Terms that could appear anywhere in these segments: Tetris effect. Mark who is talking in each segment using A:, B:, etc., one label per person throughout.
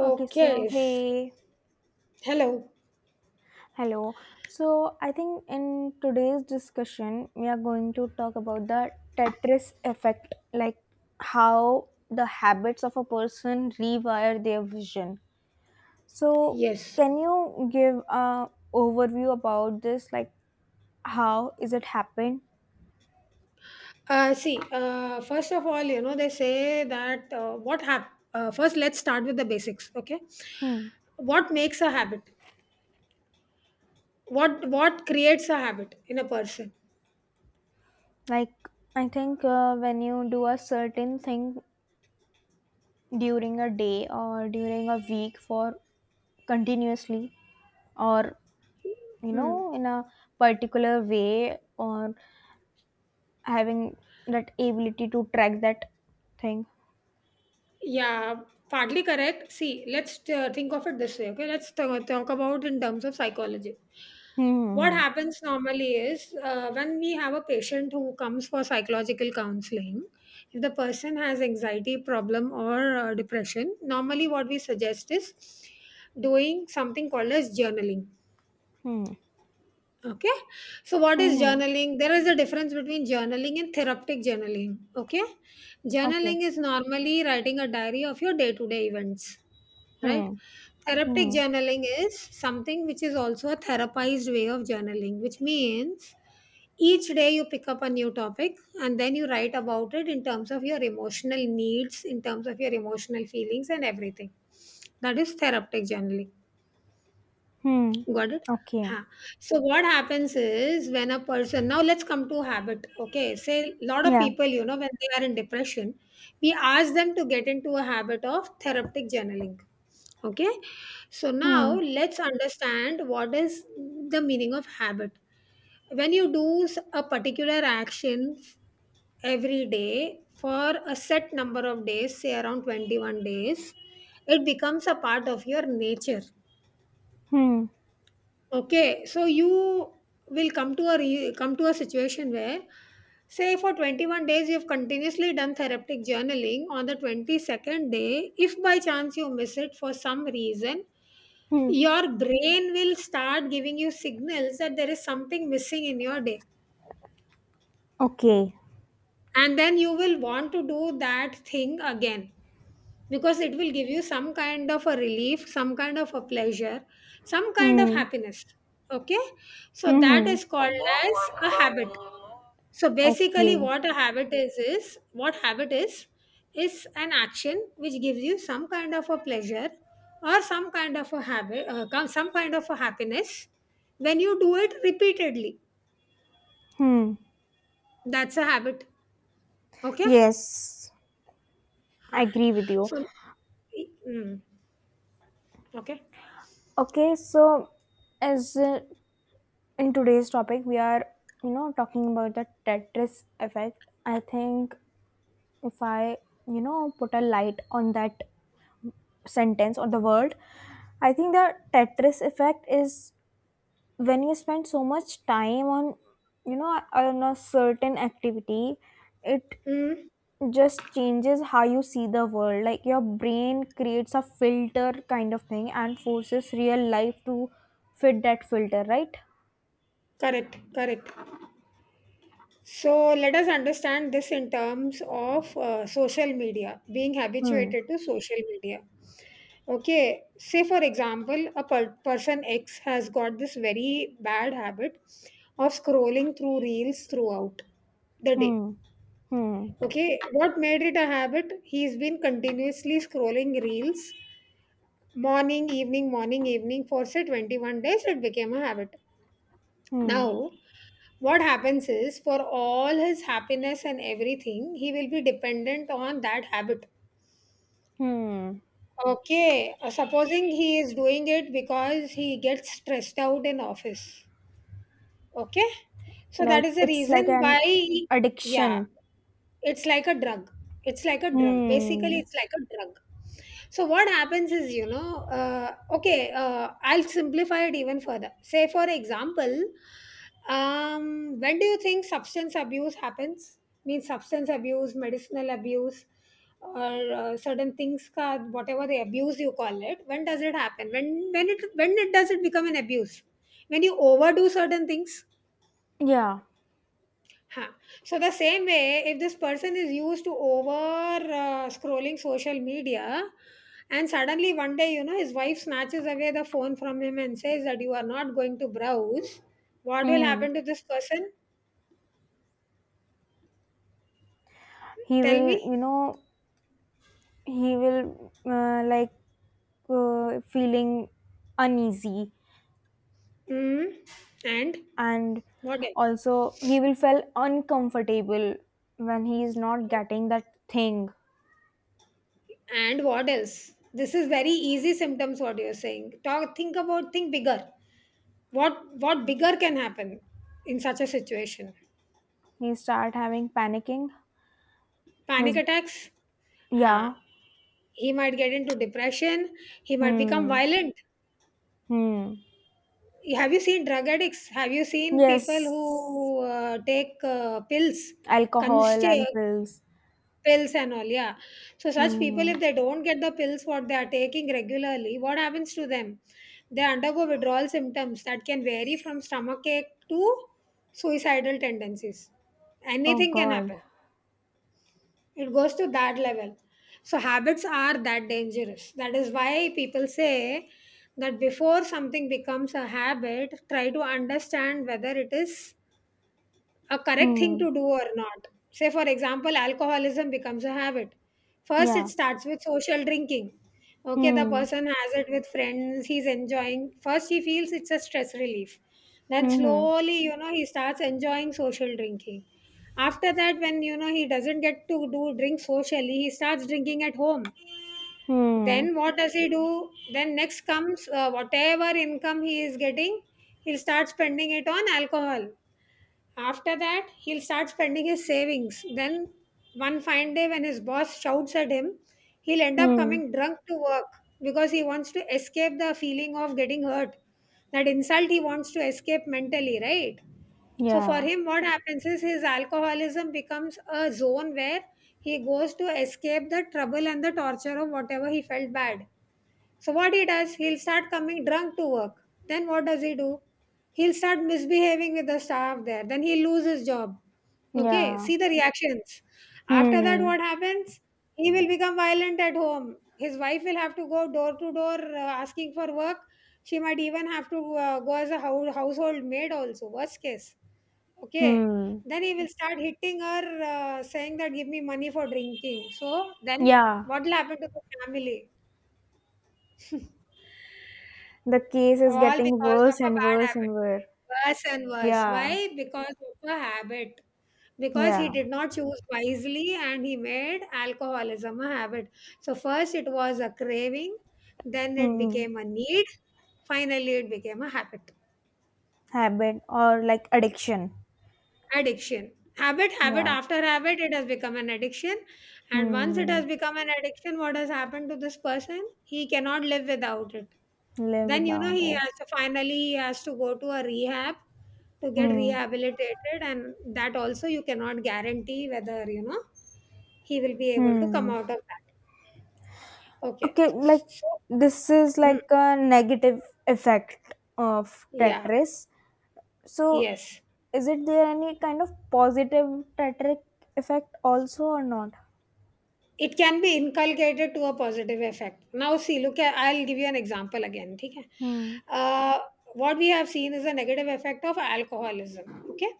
A: Okay, so hey,
B: Hello.
A: hello. So I think in today's discussion, we are going to talk about the Tetris effect, like how the habits of a person rewire their vision. So
B: Yes.
A: can you give a overview about this? Like how is it happen?
B: See, first of all, you know, they say that first let's start with the basics, okay?
A: Hmm.
B: What makes a habit? What creates a habit in a person?
A: Like I think when you do a certain thing during a day or during a week for continuously or
B: Hmm.
A: in a particular way or having that ability to track that thing.
B: Yeah, partly correct. See, let's think of it this way, okay? Let's talk about in terms of psychology. What
A: Hmm.
B: happens normally is when we have a patient who comes for psychological counseling, if the person has anxiety problem or depression, normally what we suggest is doing something called as journaling.
A: Hmm.
B: Okay. So, what
A: Hmm.
B: is
A: Hmm, hmm,
B: journaling? There is a difference between journaling and therapeutic journaling. Okay.
A: hmm. Okay.
B: Journaling is normally writing a diary of your day to day events,
A: Hmm.
B: right? Therapeutic
A: Hmm.
B: journaling is something which is also a therapized way of journaling, which means each day you pick up a new topic and then you write about it in terms of your emotional needs, in terms of your emotional feelings, and everything. That is therapeutic journaling.
A: Hmm.
B: Got it?
A: Okay.
B: Huh. So what happens is, when a person, now let's come to habit. Okay. Say a lot of
A: Yeah.
B: people, you know, when they are in depression, we ask them to get into a habit of therapeutic journaling. Okay. So now
A: Hmm.
B: let's understand what is the meaning of habit. When you do a particular action every day for a set number of days, say around 21 days, it becomes a part of your nature.
A: Hmm.
B: Okay, so you will come to a situation where, say, for 21 days you have continuously done therapeutic journaling. On the 22nd day, if by chance you miss it for some reason,
A: Hmm.
B: your brain will start giving you signals that there is something missing in your day,
A: Okay.
B: and then you will want to do that thing again. Because it will give you some kind of a relief, some kind of a pleasure, some kind of
A: Hmm.
B: happiness. Okay, so
A: Hmm.
B: that is called
A: Allahu
B: as a
A: Akbar.
B: habit. So basically
A: Okay.
B: what a habit is what habit is an action which gives you some kind of a pleasure or some kind of a habit some kind of a happiness when you do it repeatedly.
A: Hmm.
B: That's a habit. Okay.
A: Yes,
B: Huh.
A: I agree with you.
B: So mm, okay,
A: Okay, so as in today's topic we are talking about the Tetris effect. I think if I, put a light on that sentence or the word, I think the Tetris effect is when you spend so much time on, on a certain activity, it
B: mm,
A: just changes how you see the world. Like your brain creates a filter kind of thing and forces real life to fit that filter, right?
B: correct, correct. So let us understand this in terms of social media, being
A: Hmm.
B: habituated to social media. Okay, say for example, a person X has got this very bad habit of scrolling through reels throughout the day.
A: Hmm. Hmm.
B: Okay, what made it a habit? He's been continuously scrolling reels morning, evening for say 21 days. It became a habit.
A: Hmm.
B: Now, what happens is for all his happiness and everything he will be dependent on that habit.
A: Hmm.
B: Okay, supposing he is doing it because he gets stressed out in office. Okay, so that
A: Like
B: is the
A: it's like
B: reason
A: an
B: why. Yeah,
A: addiction.
B: it's like a drug, it's like a drug, basically,
A: Hmm.
B: it's like a drug. So what happens is, you know, I'll simplify it even further. Say for example, when do you think substance abuse happens? Means substance abuse, medicinal abuse, or certain things ka, whatever the abuse you call it, when does it happen? When when it when it does it become an abuse? When you overdo certain things.
A: Yeah.
B: Huh. So the same way, if this person is used to over scrolling social media, and suddenly one day, you know, his wife snatches away the phone from him and says that you are not going to browse. What will
A: Hmm.
B: happen to this person?
A: He
B: Tell
A: will,
B: me.
A: he will like, feeling uneasy.
B: Mm. And
A: And
B: what else?
A: also he will feel uncomfortable when he is not getting that thing.
B: And what else? This is very easy symptoms, what you're saying. Talk. Think about. Think bigger. What bigger can happen in such a situation?
A: He start having panicking.
B: Panic
A: His,
B: attacks. Huh.
A: yeah.
B: He might get into depression, he might become
A: Hmm.
B: violent.
A: Hmm.
B: Have you seen drug addicts? Have you seen people
A: Yes.
B: who take pills,
A: Alcohol and
B: consti-
A: pills.
B: pills and all, yeah? So such people, if
A: Hmm.
B: they don't get the pills what they are taking regularly, what happens to them? They undergo withdrawal symptoms that can vary from stomachache to suicidal tendencies.
A: Oh
B: Anything can
A: God.
B: happen. It goes to that level. So habits are that dangerous. That is why people say that before something becomes a habit, try to understand whether it is a correct thing
A: Hmm.
B: to do or not. Say, for example, alcoholism becomes a habit. First, it
A: Yeah.
B: starts with social drinking. Okay, the
A: Hmm.
B: person has it with friends, he's enjoying. First, he feels it's a stress relief. Then,
A: Mhm.
B: slowly, you know, he starts enjoying social drinking. After that, when, you know, he doesn't get to do drink socially, he starts drinking at home.
A: Hmm.
B: Then, what does he do? Then, next comes whatever income he is getting, he'll start spending it on alcohol. After that, he'll start spending his savings. Then, one fine day, when his boss shouts at him, he'll end up
A: Hmm.
B: coming drunk to work, because he wants to escape the feeling of getting hurt. That insult he wants to escape mentally, right? So, for
A: Yeah.
B: him, what happens is his alcoholism becomes a zone where he goes to escape the trouble and the torture of whatever he felt bad. So what he does, he'll start coming drunk to work. Then what does he do? He'll start misbehaving with the staff there. Then he loses his job. Okay,
A: Yeah.
B: see the reactions. After that,
A: Hmm.
B: what happens? He will become violent at home. His wife will have to go door to door asking for work. She might even have to go as a household maid also. Worst case. Okay.
A: Hmm.
B: Then he will start hitting her, saying that give me money for drinking. So then
A: Yeah.
B: what will happen to the family?
A: The case is
B: All
A: getting
B: because of
A: worse
B: a
A: and
B: bad
A: worse
B: habit.
A: and worse.
B: Worse and worse,
A: Yeah.
B: why? Because of a habit. Because he
A: Yeah.
B: did not choose wisely and he made alcoholism a habit. So first it was a craving, then it
A: Hmm.
B: became a need, finally it became a habit.
A: Habit or like addiction.
B: Addiction. Habit
A: Yeah.
B: after habit, it has become an addiction. And once it
A: Hmm.
B: has become an addiction, what has happened to this person? He cannot live without it.
A: Live
B: Then you know,
A: without
B: he
A: it.
B: has to finally, he has to go to a rehab to get
A: Hmm.
B: rehabilitated, and that also you cannot guarantee whether, you know, he will be able to come
A: Hmm.
B: out of that. Okay,
A: Okay, like
B: so
A: this is
B: mm,
A: like a negative effect of
B: yeah,
A: Tetris. So,
B: yes,
A: is it there any kind of positive tetric effect also or not?
B: it can be inculcated to a positive effect. Now see, look, at, I'll give you an example again. Okay,
A: Hmm.
B: uh, what we have seen is a negative effect of alcoholism. Okay,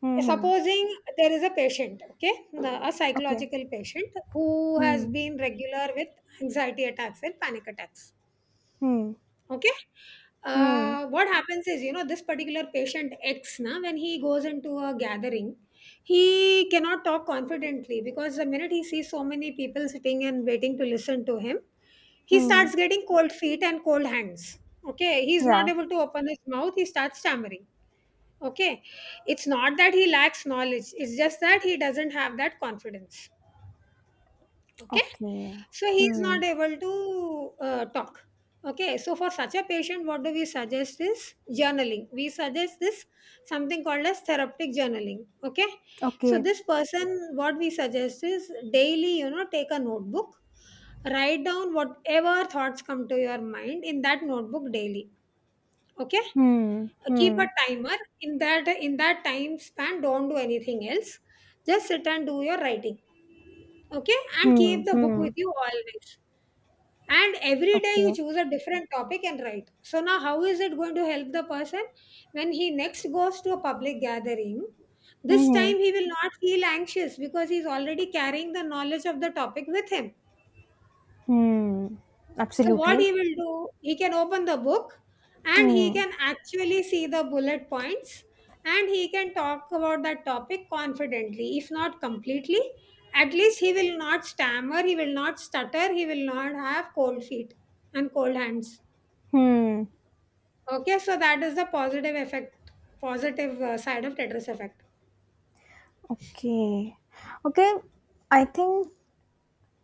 A: Hmm. Hmm.
B: supposing there is a patient, okay, a
A: Okay.
B: psychological patient who has
A: Hmm.
B: been regular with anxiety attacks and panic attacks.
A: Hmm.
B: Okay,
A: Hmm.
B: what happens is, you know, this particular patient x na, when he goes into a gathering, he cannot talk confidently, because the minute he sees so many people sitting and waiting to listen to him, he
A: Hmm.
B: starts getting cold feet and cold hands. Okay, he's not
A: Yeah.
B: able to open his mouth, he starts stammering. Okay. It's not that he lacks knowledge, it's just that he doesn't have that confidence. Okay.
A: Okay.
B: So he is
A: Hmm.
B: not able to talk. Okay. So for such a patient, what do we suggest is journaling. We suggest this something called as therapeutic journaling. Okay. So
A: Okay.
B: this person, what we suggest is daily, you know, take a notebook, write down whatever thoughts come to your mind in that notebook daily. Okay,
A: Hmm.
B: keep a
A: Hmm.
B: timer. In that time span, don't do anything else, just sit and do your writing. Okay, and
A: Hmm.
B: keep the book with
A: Hmm.
B: you always, and every day you
A: Okay.
B: choose a different topic and write. So now how is it going to help the person? When he next goes to a public gathering, this
A: Hmm.
B: time he will not feel anxious because he's already carrying the knowledge of the topic with him.
A: Hmm.
B: So what
A: Absolutely.
B: he will do, he can open the book and he
A: Hmm.
B: can actually see the bullet points, and he can talk about that topic confidently, if not completely. At least he will not stammer, he will not stutter, he will not have cold feet and cold hands.
A: Hmm.
B: Okay, so that is the positive effect, positive side of Tetris effect.
A: Okay. Okay. I think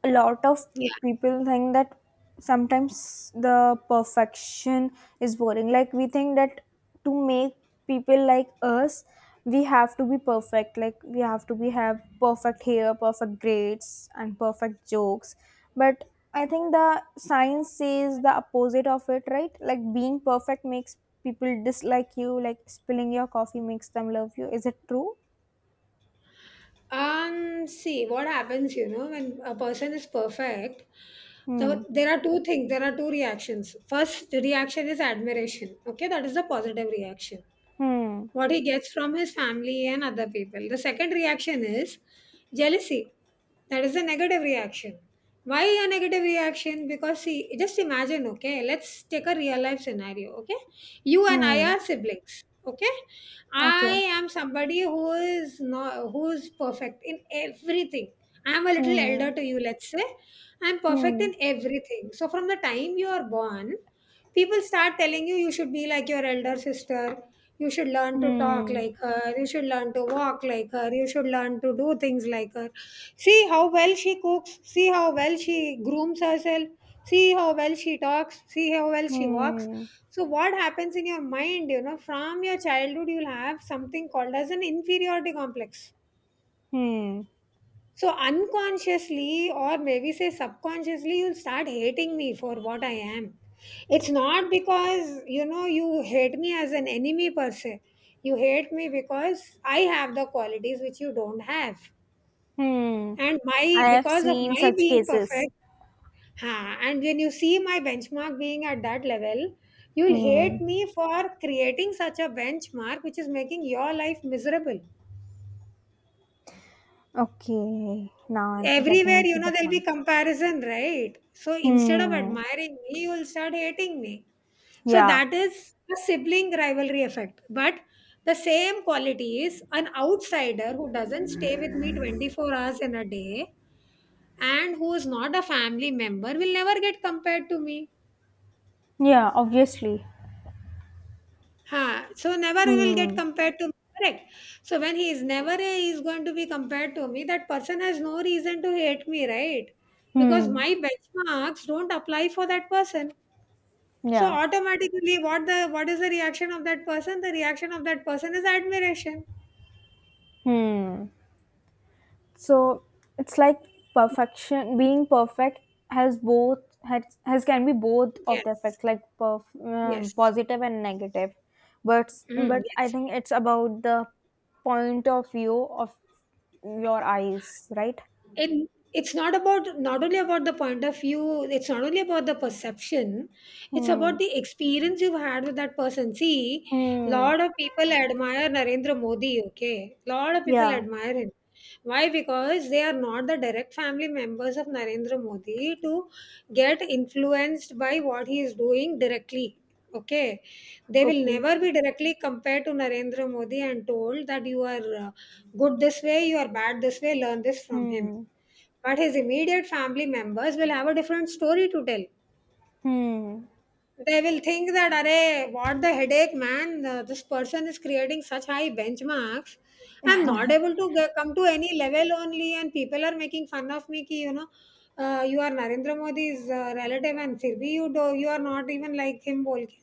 A: a lot of people think that sometimes the perfection is boring. Like we think that to make people like us we have to be perfect, like we have to be have perfect hair, perfect grades and perfect jokes. But I think the science says the opposite of it, right? Like being perfect makes people dislike you, like spilling your coffee makes them love you. Is it true?
B: See, what happens, you know, when a person is perfect,
A: Hmm.
B: there are two things, there are two reactions. First reaction is admiration. Okay, that is the positive reaction
A: Hmm.
B: what he gets from his family and other people. The second reaction is jealousy. That is a negative reaction. Why a negative reaction? Because see, just imagine, okay, let's take a real life scenario, okay? You and I
A: Hmm.
B: are siblings, okay? I
A: Okay.
B: am somebody who is not who is perfect in everything. I am a little
A: Hmm.
B: elder to you, let's say. I am perfect
A: Hmm.
B: in everything. So from the time you are born, people start telling you you should be like your elder sister. You should learn to talk
A: Hmm.
B: like her, you should learn to walk like her, you should learn to do things like her. See how well she cooks, see how well she grooms herself, see how well she talks, see how well she walks.
A: Hmm.
B: So what happens in your mind, from your childhood you'll have something called as an inferiority complex.
A: Hmm.
B: So unconsciously, or maybe say subconsciously, you'll start hating me for what I am. It's not because you hate me as an enemy per se. You hate me because I have the qualities which you don't have.
A: Hmm.
B: And my
A: I have
B: because of
A: seen
B: my
A: such
B: being
A: cases.
B: perfect, ha! And when you see my benchmark being at that level, you'll
A: Hmm.
B: hate me for creating such a benchmark which is making your life miserable.
A: Okay. Now I'm
B: Everywhere,
A: getting to the
B: there'll be
A: point.
B: comparison, right? So instead of
A: Hmm.
B: admiring me, you'll start hating me. So
A: Yeah.
B: that is a sibling rivalry effect. But the same quality is an outsider who doesn't stay with me 24 hours in a day and who is not a family member will never get compared to me.
A: Yeah. Obviously.
B: Ha, so never he will get
A: Hmm.
B: compared to me, correct? So when he is never, he is going to be compared to me, that person has no reason to hate me, right? Because
A: Hmm.
B: my benchmarks don't apply for that person. So
A: Yeah.
B: automatically, what is the reaction of that person? The reaction of that person is admiration.
A: Hmm. So it's like perfection. Being perfect has can be both of the
B: Yes,
A: effect, like
B: yes.
A: positive and negative.
B: Mm,
A: But I
B: yes.
A: think it's about the point of view of your eyes, right?
B: And it's not only about the point of view. It's not only about the perception. It's about
A: Hmm.
B: the experience you've had with that person. See,
A: Hmm.
B: lot of people admire Narendra Modi, okay? Lot of people
A: Yeah.
B: admire him. Why? Because they are not the direct family members of Narendra Modi to get influenced by what he is doing directly. Okay, they will
A: Okay.
B: never be directly compared to Narendra Modi and told that you are good this way, you are bad this way, learn this from him.
A: Hmm.
B: But his immediate family members will have a different story to tell.
A: Hmm.
B: They will think that, "Arey, what the headache, man? This person is creating such high benchmarks. I'm not able to get, come to any level only, and people are making fun of me. Ki, you are Narendra Modi's relative, and फिर भी you are not even like him. बोल के.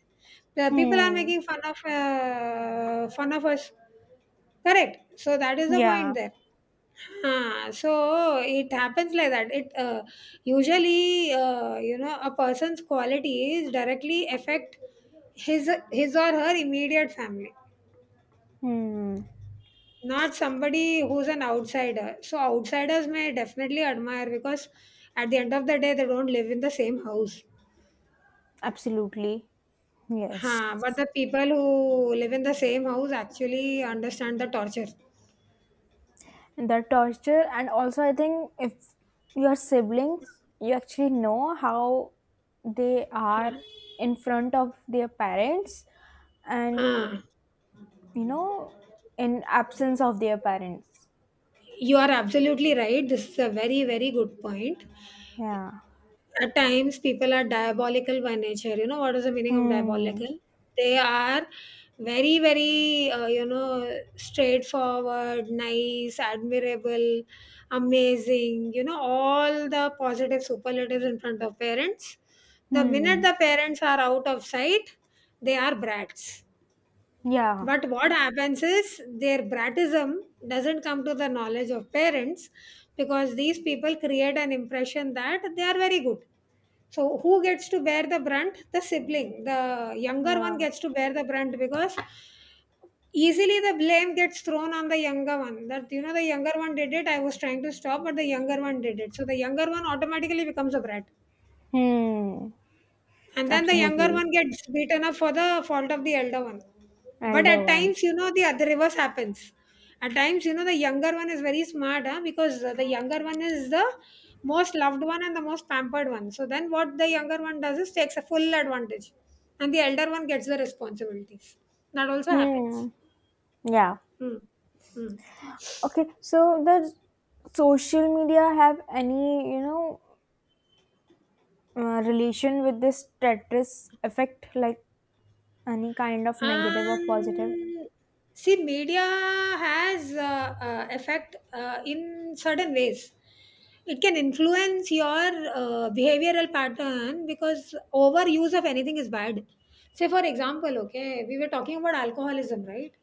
B: The people are
A: Hmm.
B: making fun of us. Correct. So that is the point
A: Yeah.
B: there. Huh. So it happens like that. It Usually, a person's qualities directly affect his or her immediate family,
A: Hmm.
B: not somebody who's an outsider. So outsiders may definitely admire because at the end of the day they don't live in the same house.
A: Absolutely.
B: Huh. But
A: Yes.
B: the people who live in the same house actually understand the torture.
A: The torture. And also I think if your siblings, you actually know how they are in front of their parents and,
B: Huh.
A: you know in absence of their parents.
B: You are absolutely right. This is a very, very good point.
A: Yeah.
B: At times, people are diabolical by nature. You know what is the meaning of
A: Hmm.
B: diabolical? They are very, very, straightforward, nice, admirable, amazing, all the positive superlatives in front of parents. The minute
A: Hmm.
B: the parents are out of sight, they are brats.
A: Yeah.
B: But what happens is their bratism doesn't come to the knowledge of parents because these people create an impression that they are very good. So, who gets to bear the brunt? The sibling. The younger
A: Yeah.
B: one gets to bear the brunt because easily the blame gets thrown on the younger one. That, the younger one did it, I was trying to stop, but the younger one did it. So, the younger one automatically becomes a brat
A: Hmm.
B: and then the younger
A: Absolutely.
B: one gets beaten up for the fault of the elder one. But at
A: Elder one.
B: times, the other reverse happens. At times, the younger one is very smart, huh? Because the younger one is the most loved one and the most pampered one, so then what the younger one does is takes a full advantage and the elder one gets the responsibilities. That also happens.
A: Hmm. Yeah.
B: Hmm. Hmm.
A: Okay, so does social media have any, relation with this Tetris effect, like any kind of negative or positive?
B: And see, media has effect in certain ways. It can influence your behavioral pattern because overuse of anything is bad. Say for example, okay, we were talking about alcoholism, right?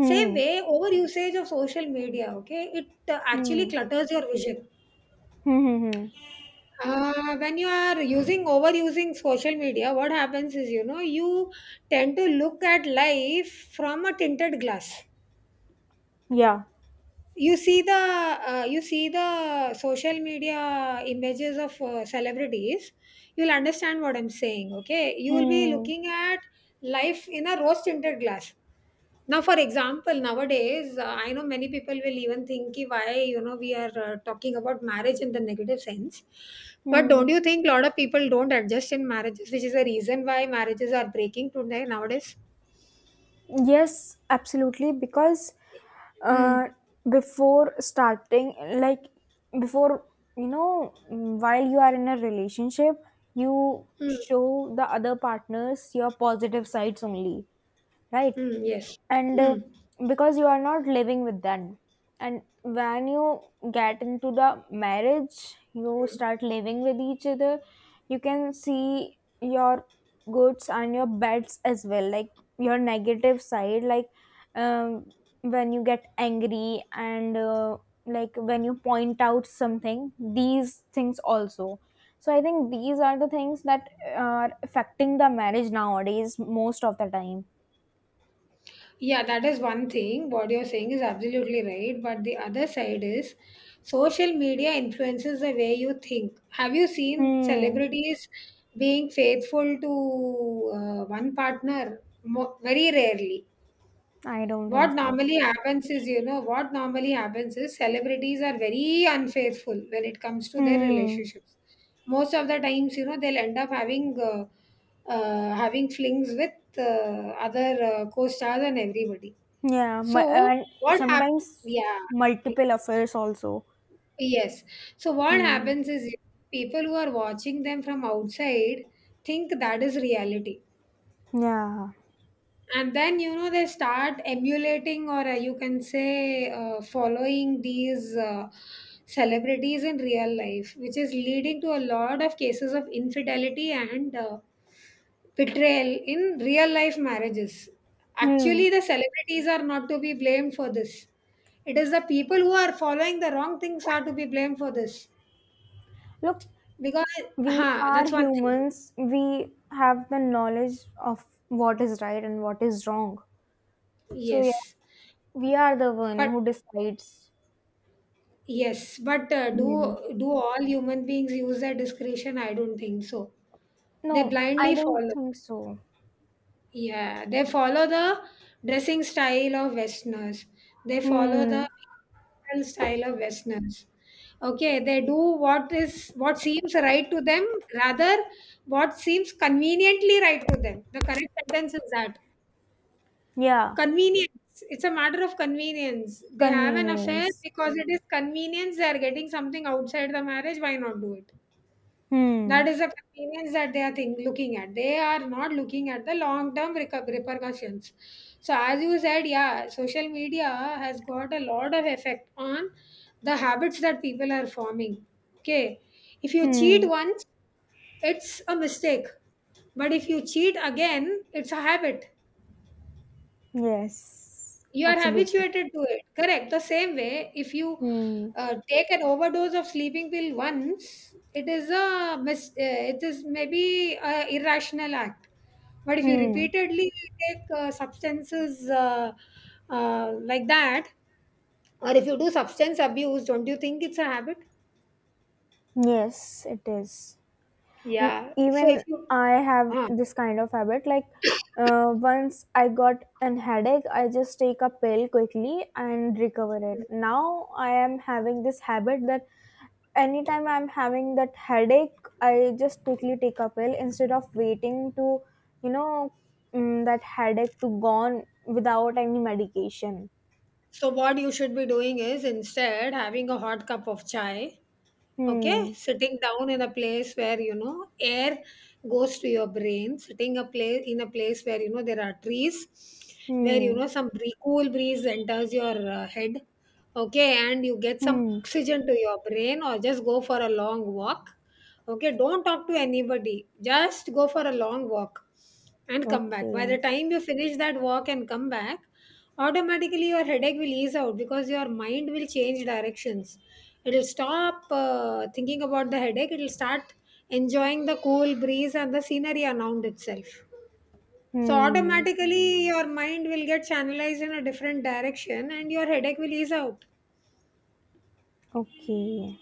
B: Same way, overusage of social media, okay, it actually
A: Hmm.
B: clutters your vision.
A: Hmm. Hmm, hmm.
B: When you are using overusing social media, what happens is you tend to look at life from a tinted glass.
A: Yeah.
B: You see the uh, you see the social media images of celebrities. You'll understand what I'm saying. Okay, you will be
A: Hmm.
B: looking at life in a rose tinted glass. Now for example nowadays, I know many people will even think, "Ki why we are talking about marriage in the negative sense, but don't
A: Hmm.
B: you think a lot of people don't adjust in marriages, which is the reason why marriages are breaking today nowadays?"
A: Yes, absolutely. Because
B: Mm.
A: uh, before starting, like before, while you are in a relationship, you
B: Mm.
A: show the other partners your positive sides only. Right?
B: Mm, yes.
A: And
B: Mm.
A: because you are not living with them, and when you get into the marriage you start living with each other, you can see your goods and your bads as well, like your negative side, like, um, when you get angry and like when you point out something, these things also. So I think these are the things that are affecting the marriage nowadays most of the time.
B: Yeah, that is one thing. What you're saying is absolutely right. But the other side is, social media influences the way you think. Have you seen
A: Hmm,
B: celebrities being faithful to one partner? Very rarely.
A: I don't
B: What
A: think so.
B: normally happens is, celebrities are very unfaithful when it comes to their
A: Hmm.
B: relationships. Most of the times, they'll end up having flings with other co-stars and everybody.
A: Yeah,
B: So
A: and
B: what hap-
A: sometimes
B: Yeah,
A: multiple affairs also.
B: yes. So what
A: Hmm.
B: happens is people who are watching them from outside think that is reality.
A: Yeah.
B: And then, they start emulating, or you can say following these celebrities in real life, which is leading to a lot of cases of infidelity and betrayal in real life marriages.
A: Hmm.
B: Actually the celebrities are not to be blamed for this. It is the people who are following the wrong things are to be blamed for this
A: Look,
B: because.
A: we
B: Huh,
A: are
B: that's one thing.
A: humans. We have the knowledge of what is right and what is wrong. So yeah,
B: Yes,
A: we are the one
B: but
A: who decides. Hmm.
B: Do all human beings use their discretion? I don't think so. They
A: No, I
B: blindly
A: don't
B: follow.
A: think so.
B: Yeah, they follow the dressing style of Westerners. They follow the
A: Hmm.
B: behavioral style of Westerners. Okay, they do what seems right to them, rather what seems conveniently right to them. The correct sentence is that,
A: Yeah.
B: convenience. It's a matter of convenience. They have an affair
A: Convenience.
B: because it is convenience, they are getting something outside the marriage. Why not do it?
A: Hmm.
B: That is the convenience that they are looking at. They are not looking at the long term repercussions. So, as you said, yeah, social media has got a lot of effect on the habits that people are forming. Okay. If you cheat
A: Hmm.
B: once, it's a mistake. But if you cheat again, it's a habit.
A: Yes.
B: You are
A: Absolutely.
B: habituated to it, correct? The same way, if you
A: Hmm.
B: take an overdose of sleeping pill once, it is maybe a irrational act. But if you
A: Hmm.
B: repeatedly take substances, like that, or if you do substance abuse, don't you think it's a habit?
A: Yes, it is. And
B: Yeah, so if
A: even
B: you
A: I have
B: uh,
A: this kind of habit. Like, once I got an headache, I just take a pill quickly and recover it. Now I am having this habit that anytime I'm having that headache, I just quickly take a pill instead of waiting to, you know, that headache to gone without any medication.
B: what you should be doing is instead having a hot cup of chai, okay,
A: Hmm.
B: sitting down in a place where, air goes to your brain, sitting a place in a place where, there are trees, where,
A: Hmm.
B: some cool breeze enters your head, okay, and you get some
A: Hmm.
B: oxygen to your brain, or just go for a long walk. Okay, don't talk to anybody, just go for a long walk and come back. By the
A: Okay.
B: time you finish that walk and come back, automatically your headache will ease out because your mind will change directions. It'll stop thinking about the headache, it'll start enjoying the cool breeze and the scenery around itself. So,
A: Hmm.
B: automatically, your mind will get channelized in a different direction and your headache will ease out.
A: Okay.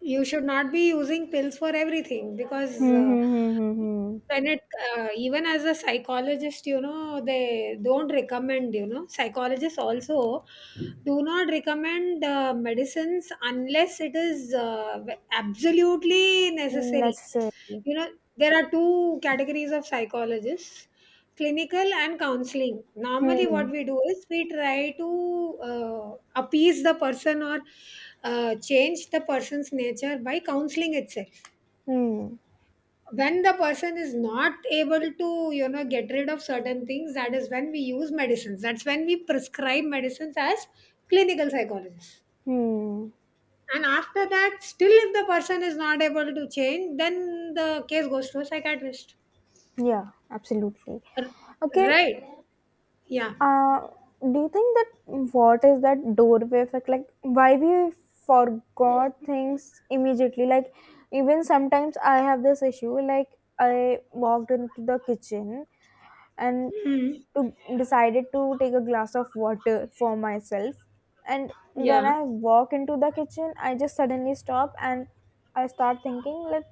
B: You should not be using pills for everything, because
A: Hmm, hmm, hmm, hmm, hmm.
B: when it even as a psychologist, they don't recommend. Psychologists also do not recommend medicines unless it is absolutely
A: Mean
B: necessary.
A: necessary.
B: you know there are two categories of psychologists: clinical and counseling. Normally what
A: Hmm.
B: we do is we try to uh, appease the person, or change the person's nature by counseling itself.
A: Hmm.
B: When the person is not able to, get rid of certain things, that is when we use medicines, that's when we prescribe medicines as clinical psychologists.
A: Hmm.
B: And after that, still if the person is not able to change, then the case goes to a psychiatrist.
A: Yeah, absolutely.
B: R-
A: Okay.
B: Right. Yeah.
A: Uh, do you think that what is that doorway effect? Like, why we forgot things immediately? Like, even sometimes I have this issue. Like, I walked into the kitchen and
B: Hmm.
A: to decided to take a glass of water for myself, and
B: Yeah.
A: when I walk into the kitchen I just suddenly stop and I start thinking like,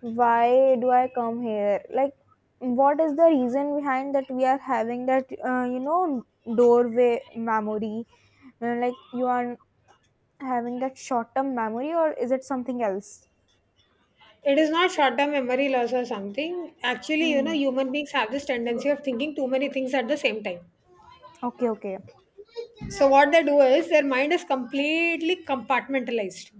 A: why do I come here? Like what is the reason behind that we are having that, doorway memory. Like you are having that short term memory or is it something else?
B: It is not short term memory loss or something. Actually,
A: Hmm.
B: human beings have this tendency of thinking too many things at the same time.
A: Okay. Okay.
B: So, what they do is their mind is completely compartmentalized.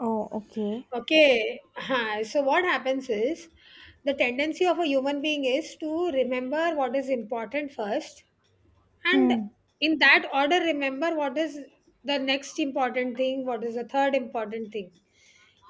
A: Oh, okay.
B: Okay. Huh. So, what happens is the tendency of a human being is to remember what is important first, and
A: Hmm.
B: in that order remember what is the next important thing, what is the third important thing.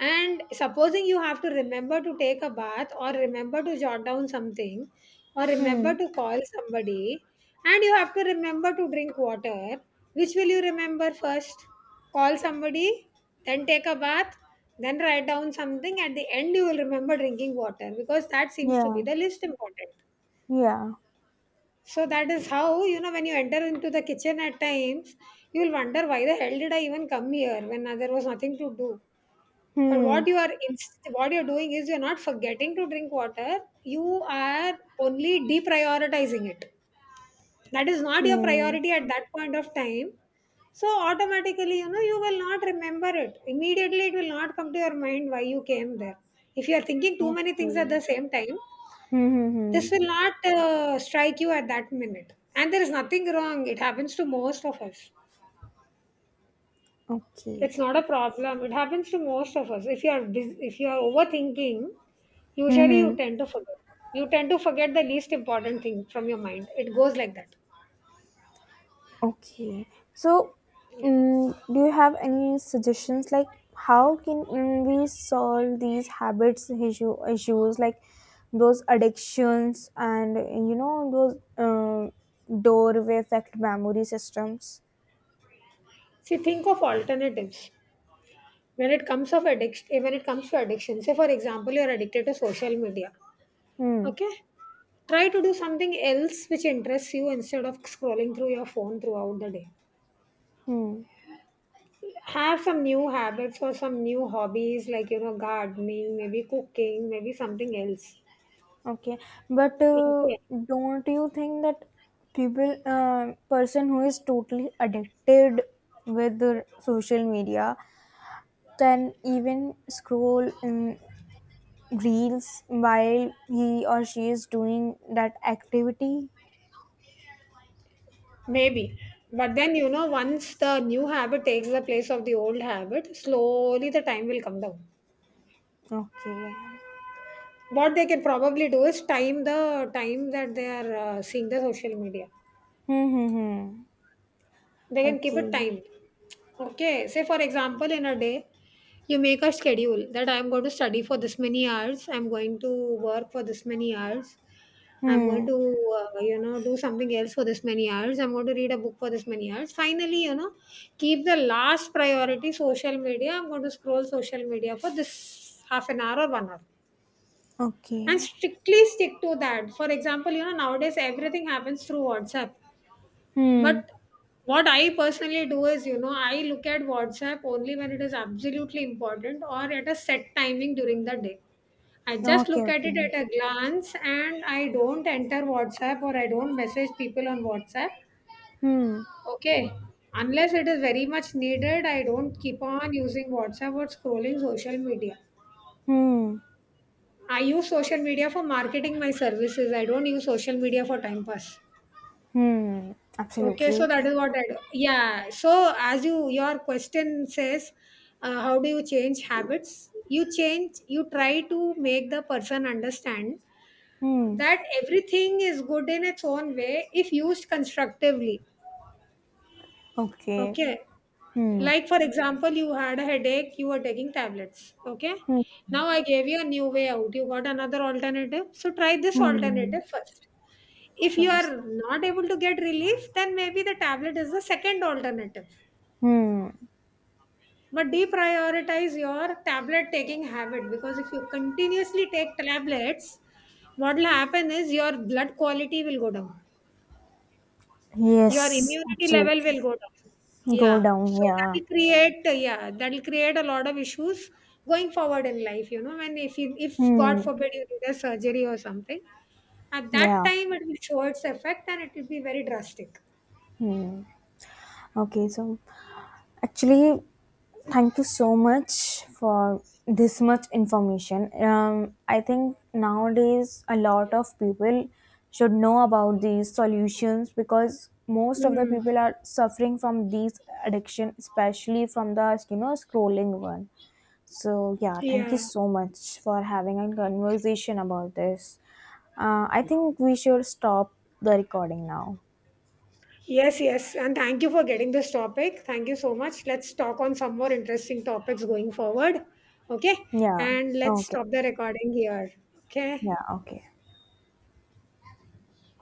B: And supposing you have to remember to take a bath or remember to jot down something or remember
A: Hmm.
B: to call somebody and you have to remember to drink water, which will you remember first? Call somebody, then take a bath, then write down something. At the end, you will remember drinking water because that seems to be
A: Yeah.
B: the least important.
A: Yeah.
B: So that is how, you know, when you enter into the kitchen at times, you will wonder why the hell did I even come here when there was nothing to do. But
A: Hmm.
B: what you're doing is you're not forgetting to drink water. You are only deprioritizing it. That is not your
A: Hmm.
B: priority at that point of time. So automatically, you know, you will not remember it. Immediately, it will not come to your mind why you came there. If you are thinking too many things at the
A: Okay.
B: same time,
A: Hmm. Hmm. Hmm.
B: this will not strike you at that minute. And there is nothing wrong. It happens to most of us.
A: Okay.
B: It's not a problem. It happens to most of us. If you are overthinking,
A: Hmm.
B: usually you
A: Hmm.
B: tend to forget. You tend to forget the least important thing from your mind. It goes like that.
A: Okay. So, mm, do you have any suggestions like how can, mm, we solve these habits issues, like those addictions and, those, um, doorway effect memory systems?
B: See, think of alternatives. When it comes of addiction, when it comes to addiction, say for example, you are addicted to social media.
A: Hmm.
B: Okay, try to do something else which interests you instead of scrolling through your phone throughout the day.
A: Hmm.
B: Have some new habits or some new hobbies like, you know, gardening, maybe cooking, maybe something else.
A: Okay, but
B: Okay.
A: don't you think that person who is totally addicted with the social media can even scroll in reels while he or she is doing that activity?
B: Maybe. But then, you know, once the new habit takes the place of the old habit, slowly the time will come down.
A: Okay.
B: What they can probably do is time the time that they are seeing the social media.
A: Hmm. Hmm. Hmm.
B: They can keep it
A: Okay.
B: timed. Okay, say for example, in a day, you make a schedule that I'm going to study for this many hours, I'm going to work for this many hours, I'm going
A: Hmm.
B: to, you know, do something else for this many hours, I'm going to read a book for this many hours. Finally, you know, keep the last priority social media. I'm going to scroll social media for this half an hour or 1 hour and
A: Okay.
B: strictly stick to that. For example, you know, nowadays everything happens through WhatsApp,
A: Hmm.
B: but what I personally do is, you know, I look at WhatsApp only when it is absolutely important or at a set timing during the day. I just
A: Okay.
B: look at it
A: Okay.
B: at a glance and I don't enter WhatsApp or I don't message people on WhatsApp.
A: Hmm.
B: Okay. Unless it is very much needed, I don't keep on using WhatsApp or scrolling social media.
A: Hmm.
B: I use social media for marketing my services. I don't use social media for time pass.
A: Hmm.
B: Okay, so
A: Absolutely.
B: that is what I do. Yeah. So as your question says, how do you change habits? You change. You try to make the person understand
A: Hmm.
B: that everything is good in its own way if used constructively.
A: Okay.
B: Okay.
A: Hmm.
B: Like for example, you had a headache. You were taking tablets. Okay.
A: Hmm.
B: Now I gave you a new way out. You got another alternative. So try this
A: Hmm.
B: alternative first. If you
A: First.
B: are not able to get relief, then maybe the tablet is the second alternative.
A: Hmm.
B: But deprioritize your tablet taking habit because if you continuously take tablets, what will happen is your blood quality will go down, your
A: Yes,
B: immunity level
A: absolutely.
B: will go down.
A: Go
B: Yeah,
A: down.
B: so
A: Yeah.
B: that will create a lot of issues going forward in life. You know, when if, you if God
A: Hmm.
B: forbid, you need a surgery or something, at that
A: Yeah.
B: time it will show its effect and it will be very drastic.
A: Hmm. Okay. So actually, thank you so much for this much information. I think nowadays a lot of people should know about these solutions because most of the
B: Mm.
A: people are suffering from these addiction, especially from the, scrolling one. So, yeah, thank you
B: Yeah.
A: so much for having a conversation about this. I think we should stop the recording now.
B: Yes, yes. And thank you for getting this topic. Thank you so much. Let's talk on some more interesting topics going forward. Okay.
A: Yeah,
B: And let's
A: okay.
B: stop the recording here. Okay.
A: Yeah, okay.